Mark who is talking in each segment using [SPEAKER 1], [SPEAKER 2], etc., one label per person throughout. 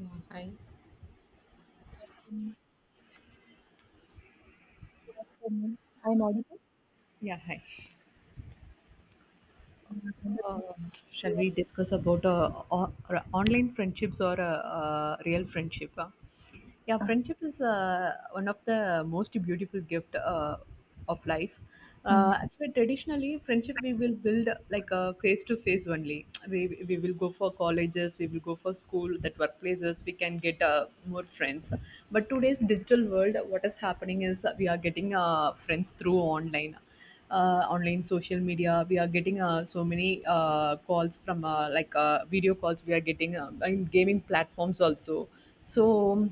[SPEAKER 1] Yeah, hi.
[SPEAKER 2] Good, I'm audible?
[SPEAKER 1] Yeah, hi. Uh, shall we discuss about o- or online friendships or real friendship? Huh? Yeah, friendship is one of the most beautiful gift of life.
[SPEAKER 2] Mm.
[SPEAKER 1] Actually, traditionally, friendship we will build like a face to face only. We will go for colleges, we will go for school, that workplaces. We can get more friends. But today's digital world, what is happening is we are getting friends through online online social media we are getting so many calls from video calls we are getting in gaming platforms also. so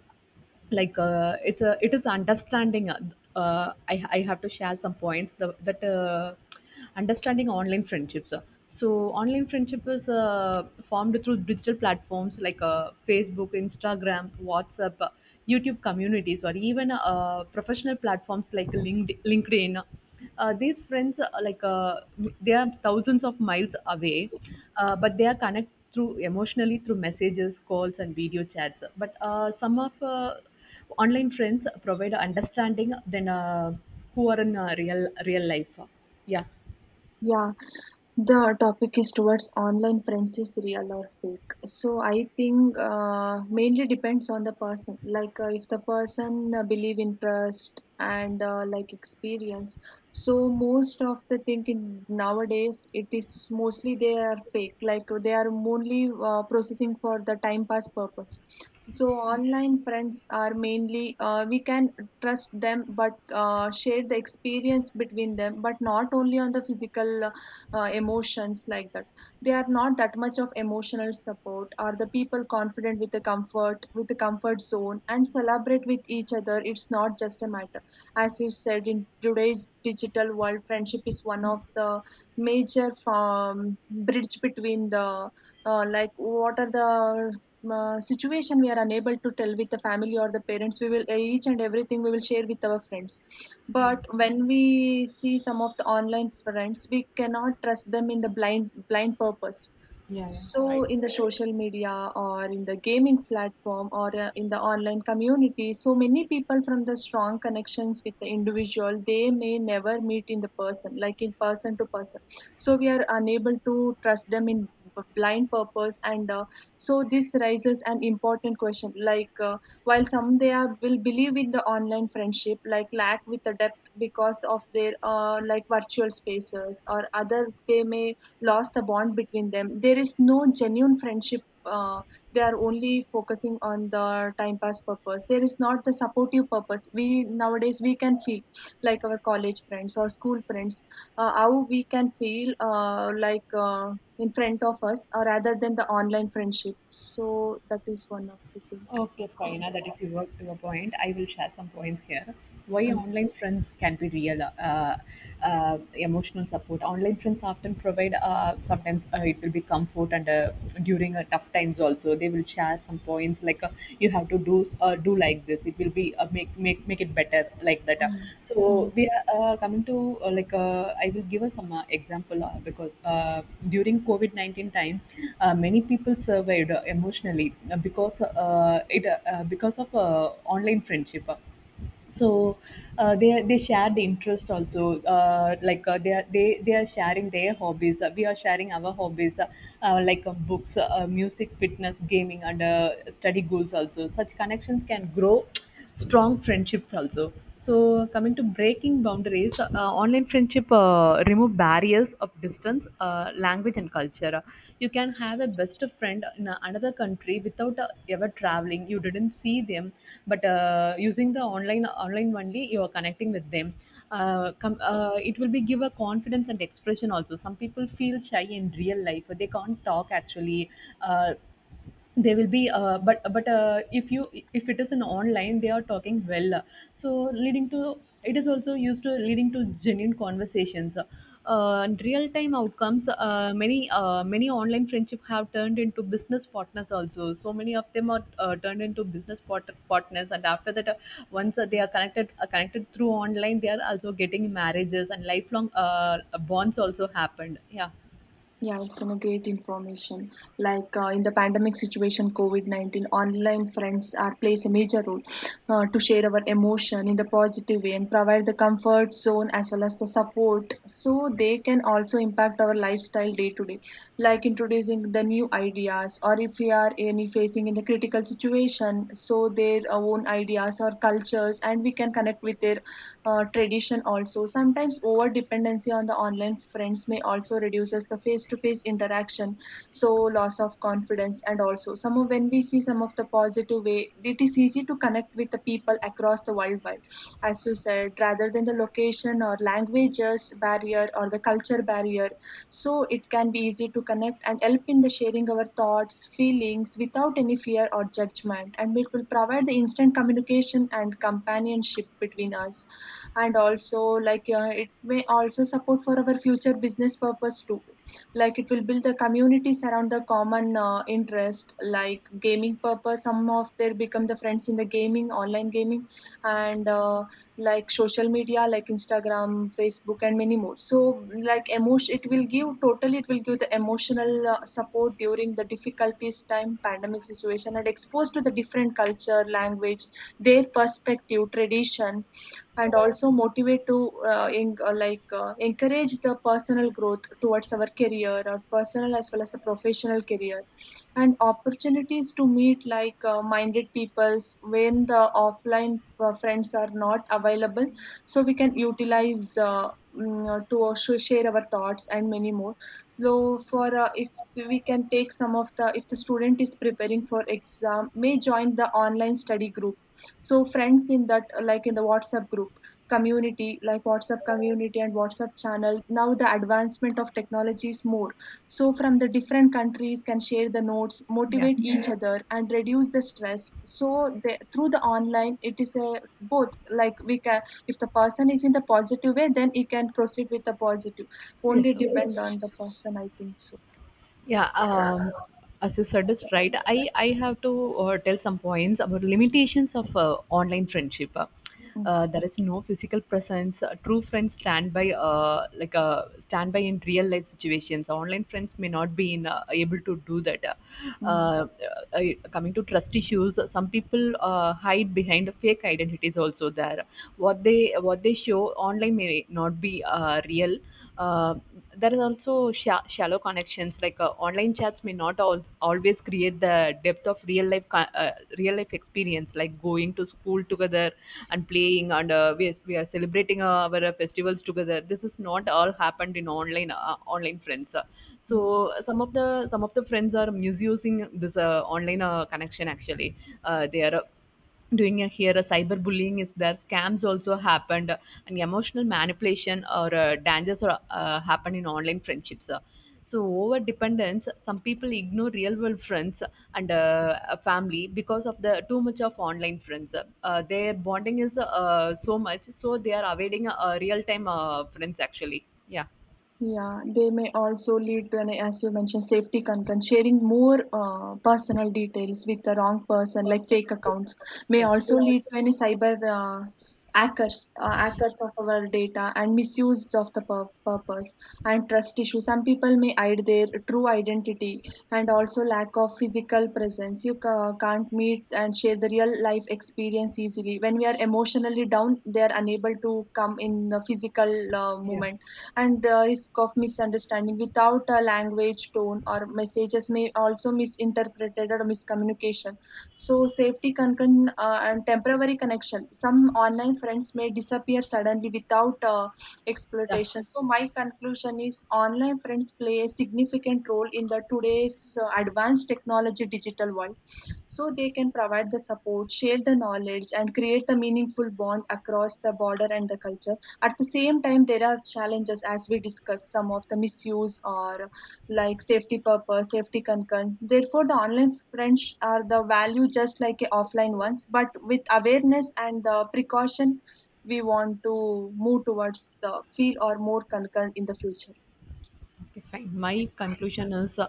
[SPEAKER 1] like uh, it's a it is understanding. I have to share some points the, that understanding online friendships. So, online friendship is formed through digital platforms like Facebook, Instagram, WhatsApp, YouTube communities, or even professional platforms like LinkedIn. These friends, they are thousands of miles away, but they are connected through emotionally through messages, calls, and video chats. But Some of online friends provide understanding than who are in real life. Yeah.
[SPEAKER 2] Yeah. The topic is towards online friends is real or fake. So I think mainly depends on the person. Like if the person believe in trust and like experience, so most of the thing in nowadays it is mostly they are fake. Like they are only processing for the time pass purpose. So online friends are mainly we can trust them, but share the experience between them, but not only on the physical emotions like that they are not that much of emotional support are the people confident with the comfort zone and celebrate with each other. It's not just a matter. As you said, in today's digital world friendship is one of the major bridge between the like what are the situation we are unable to tell with the family or the parents, we will each and everything we will share with our friends. But when we see some of the online friends, we cannot trust them in the blind purpose.
[SPEAKER 1] Yeah, yeah.
[SPEAKER 2] So, in the social media or in the gaming platform or in the online community, so many people from the strong connections with the individual, they may never meet in the person, like in person to person. So, we are unable to trust them in blind purpose. And so, this raises an important question like, while some they are, will believe in the online friendship, like lack with the depth because of their like virtual spaces or other, they may lost the bond between them. There is no genuine friendship. They are only focusing on the time pass purpose. There is not the supportive purpose. We nowadays we can feel like our college friends or school friends, how we can feel in front of us, or rather than the online friendship. So that is one of the thing.
[SPEAKER 1] Okay, fine. Now that is your point. I will share some points here. Why
[SPEAKER 2] Mm.
[SPEAKER 1] online friends can be real, emotional support. Online friends often provide, sometimes it will be comfort and, during tough times also, they will share some points like, you have to do, do like this, it will be, make it better, like that uh.
[SPEAKER 2] Mm. Mm.
[SPEAKER 1] so we are coming to, I will give us some example, because during covid-19 time, many people survived emotionally because of online friendship. So uh, they they shared the interest also, they are sharing their hobbies. We are sharing our hobbies, books, music, fitness, gaming, and study goals also. Such connections can grow strong friendships also. So, coming to breaking boundaries, online friendship remove barriers of distance, language, and culture. You can have a best friend in another country without ever traveling. You didn't see them, but, using the online only, you are connecting with them. It will be give a confidence and expression also. Some people feel shy in real life; they can't talk actually. Uh, they will be, but if you if it is an online, they are talking well, so leading to, it is also used to leading to genuine conversations, real time outcomes. Many online friendship have turned into business partners also. So many of them are turned into business partners, and after that, once they are connected connected through online, they are also getting marriages and lifelong bonds also happened, yeah.
[SPEAKER 2] Yeah, it's a great information. Like in the pandemic situation covid-19 online friends are plays a major role to share our emotion in the positive way and provide the comfort zone as well as the support, so they can also impact our lifestyle day to day, like introducing the new ideas, or if we are any facing in the critical situation, so their own ideas or cultures and we can connect with their tradition also. Sometimes over dependency on the online friends may also reduces the face to face interaction satisfaction, so loss of confidence. And also some of, when we see some of the positive way, it is easy to connect with the people across the worldwide, as you said, rather than the location or languages barrier or the culture barrier. So it can be easy to connect and help in the sharing our thoughts feelings without any fear or judgment, and it will provide the instant communication and companionship between us. And also, like it may also support for our future business purpose too, like it will build the communities around the common interest, like gaming purpose, some of their become the friends in the gaming online gaming. And like social media like instagram facebook and many more. So like emotion, it will give totally, it will give the emotional support during the difficulties time pandemic situation and exposed to the different culture language, their perspective tradition. And also motivate to encourage the personal growth towards our career or personal as well as the professional career and opportunities to meet like minded peoples when the offline friends are not available. So we can utilize to also share our thoughts and many more. So for if we can take some of the, if the student is preparing for exam may join the online study group, so friends in that like in the whatsapp group community, like whatsapp community and whatsapp channel, now the advancement of technology is more, so from the different countries can share the notes,
[SPEAKER 1] Yeah.
[SPEAKER 2] motivate each other and reduce the stress. So they, through the online, it is a both, like we can, if the person is in the positive way then he can proceed with the positive, only
[SPEAKER 1] Yes.
[SPEAKER 2] depend on the person I think so.
[SPEAKER 1] Yeah, as you said is right. I have to tell some points about limitations of online friendship.
[SPEAKER 2] Mm,
[SPEAKER 1] There is no physical presence. True friends stand by, stand by in real life situations. Online friends may not be in, able to do that. Uh,
[SPEAKER 2] mm,
[SPEAKER 1] uh, uh, coming to trust issues, some people hide behind fake identities. Also, there what they show online may not be real. Uh, there is also shallow connections. Like, online chats may not always create the depth of real life experience, like going to school together and playing, and, we are celebrating our festivals together. This is not all happened in online friends. Uh, so
[SPEAKER 2] mm.
[SPEAKER 1] some of the some of the friends are misusing this online connection. Actually, they are, doing a, here a cyberbullying is that scams also happened, and emotional manipulation or dangers or happen in online friendships. So over dependence, some people ignore real world friends and, a family because of the too much of online friends. Their bonding is so much, so they are avoiding real time friends actually, yeah.
[SPEAKER 2] Yeah, they may also lead to an, as you mentioned, safety concern. Sharing more personal details with the wrong person, like fake accounts, may
[SPEAKER 1] Yes.
[SPEAKER 2] also lead to any cyber hackers, hackers of our data and misuse of the purpose, and trust issues. Some people may hide their true identity, and also lack of physical presence. You can't meet and share the real life experience easily. When we are emotionally down, they are unable to come in the physical
[SPEAKER 1] Yeah.
[SPEAKER 2] moment, and the risk of misunderstanding without a language tone or messages may also misinterpreted or miscommunication. So safety concern, and temporary connection, some online friends may disappear suddenly without exploitation. So my conclusion is online friends play a significant role in the today's advanced technology digital world. So they can provide the support, share the knowledge and create the meaningful bond across the border and the culture. At the same time, there are challenges, as we discussed, some of the misuse or like safety purpose, safety concern. Therefore, the online friends are the value just like a offline ones, but with awareness and the precaution, we want to move towards the feel or more concern in the future.
[SPEAKER 1] Okay, fine. My conclusion is,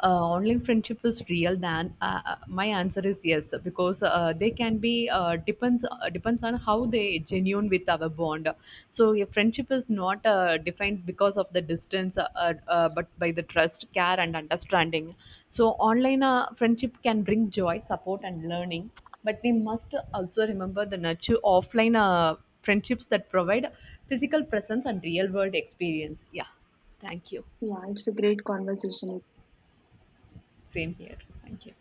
[SPEAKER 1] uh, online friendship is real. Then, my answer is yes, because they can be, depends on how they genuine with our bond. So a friendship is not defined because of the distance, but by the trust, care, and understanding. So online friendship can bring joy, support, and learning. But we must also remember the nature offline friendships that provide physical presence and real world experience. Yeah, thank you.
[SPEAKER 2] Yeah, it's a great conversation.
[SPEAKER 1] Same here. Thank you.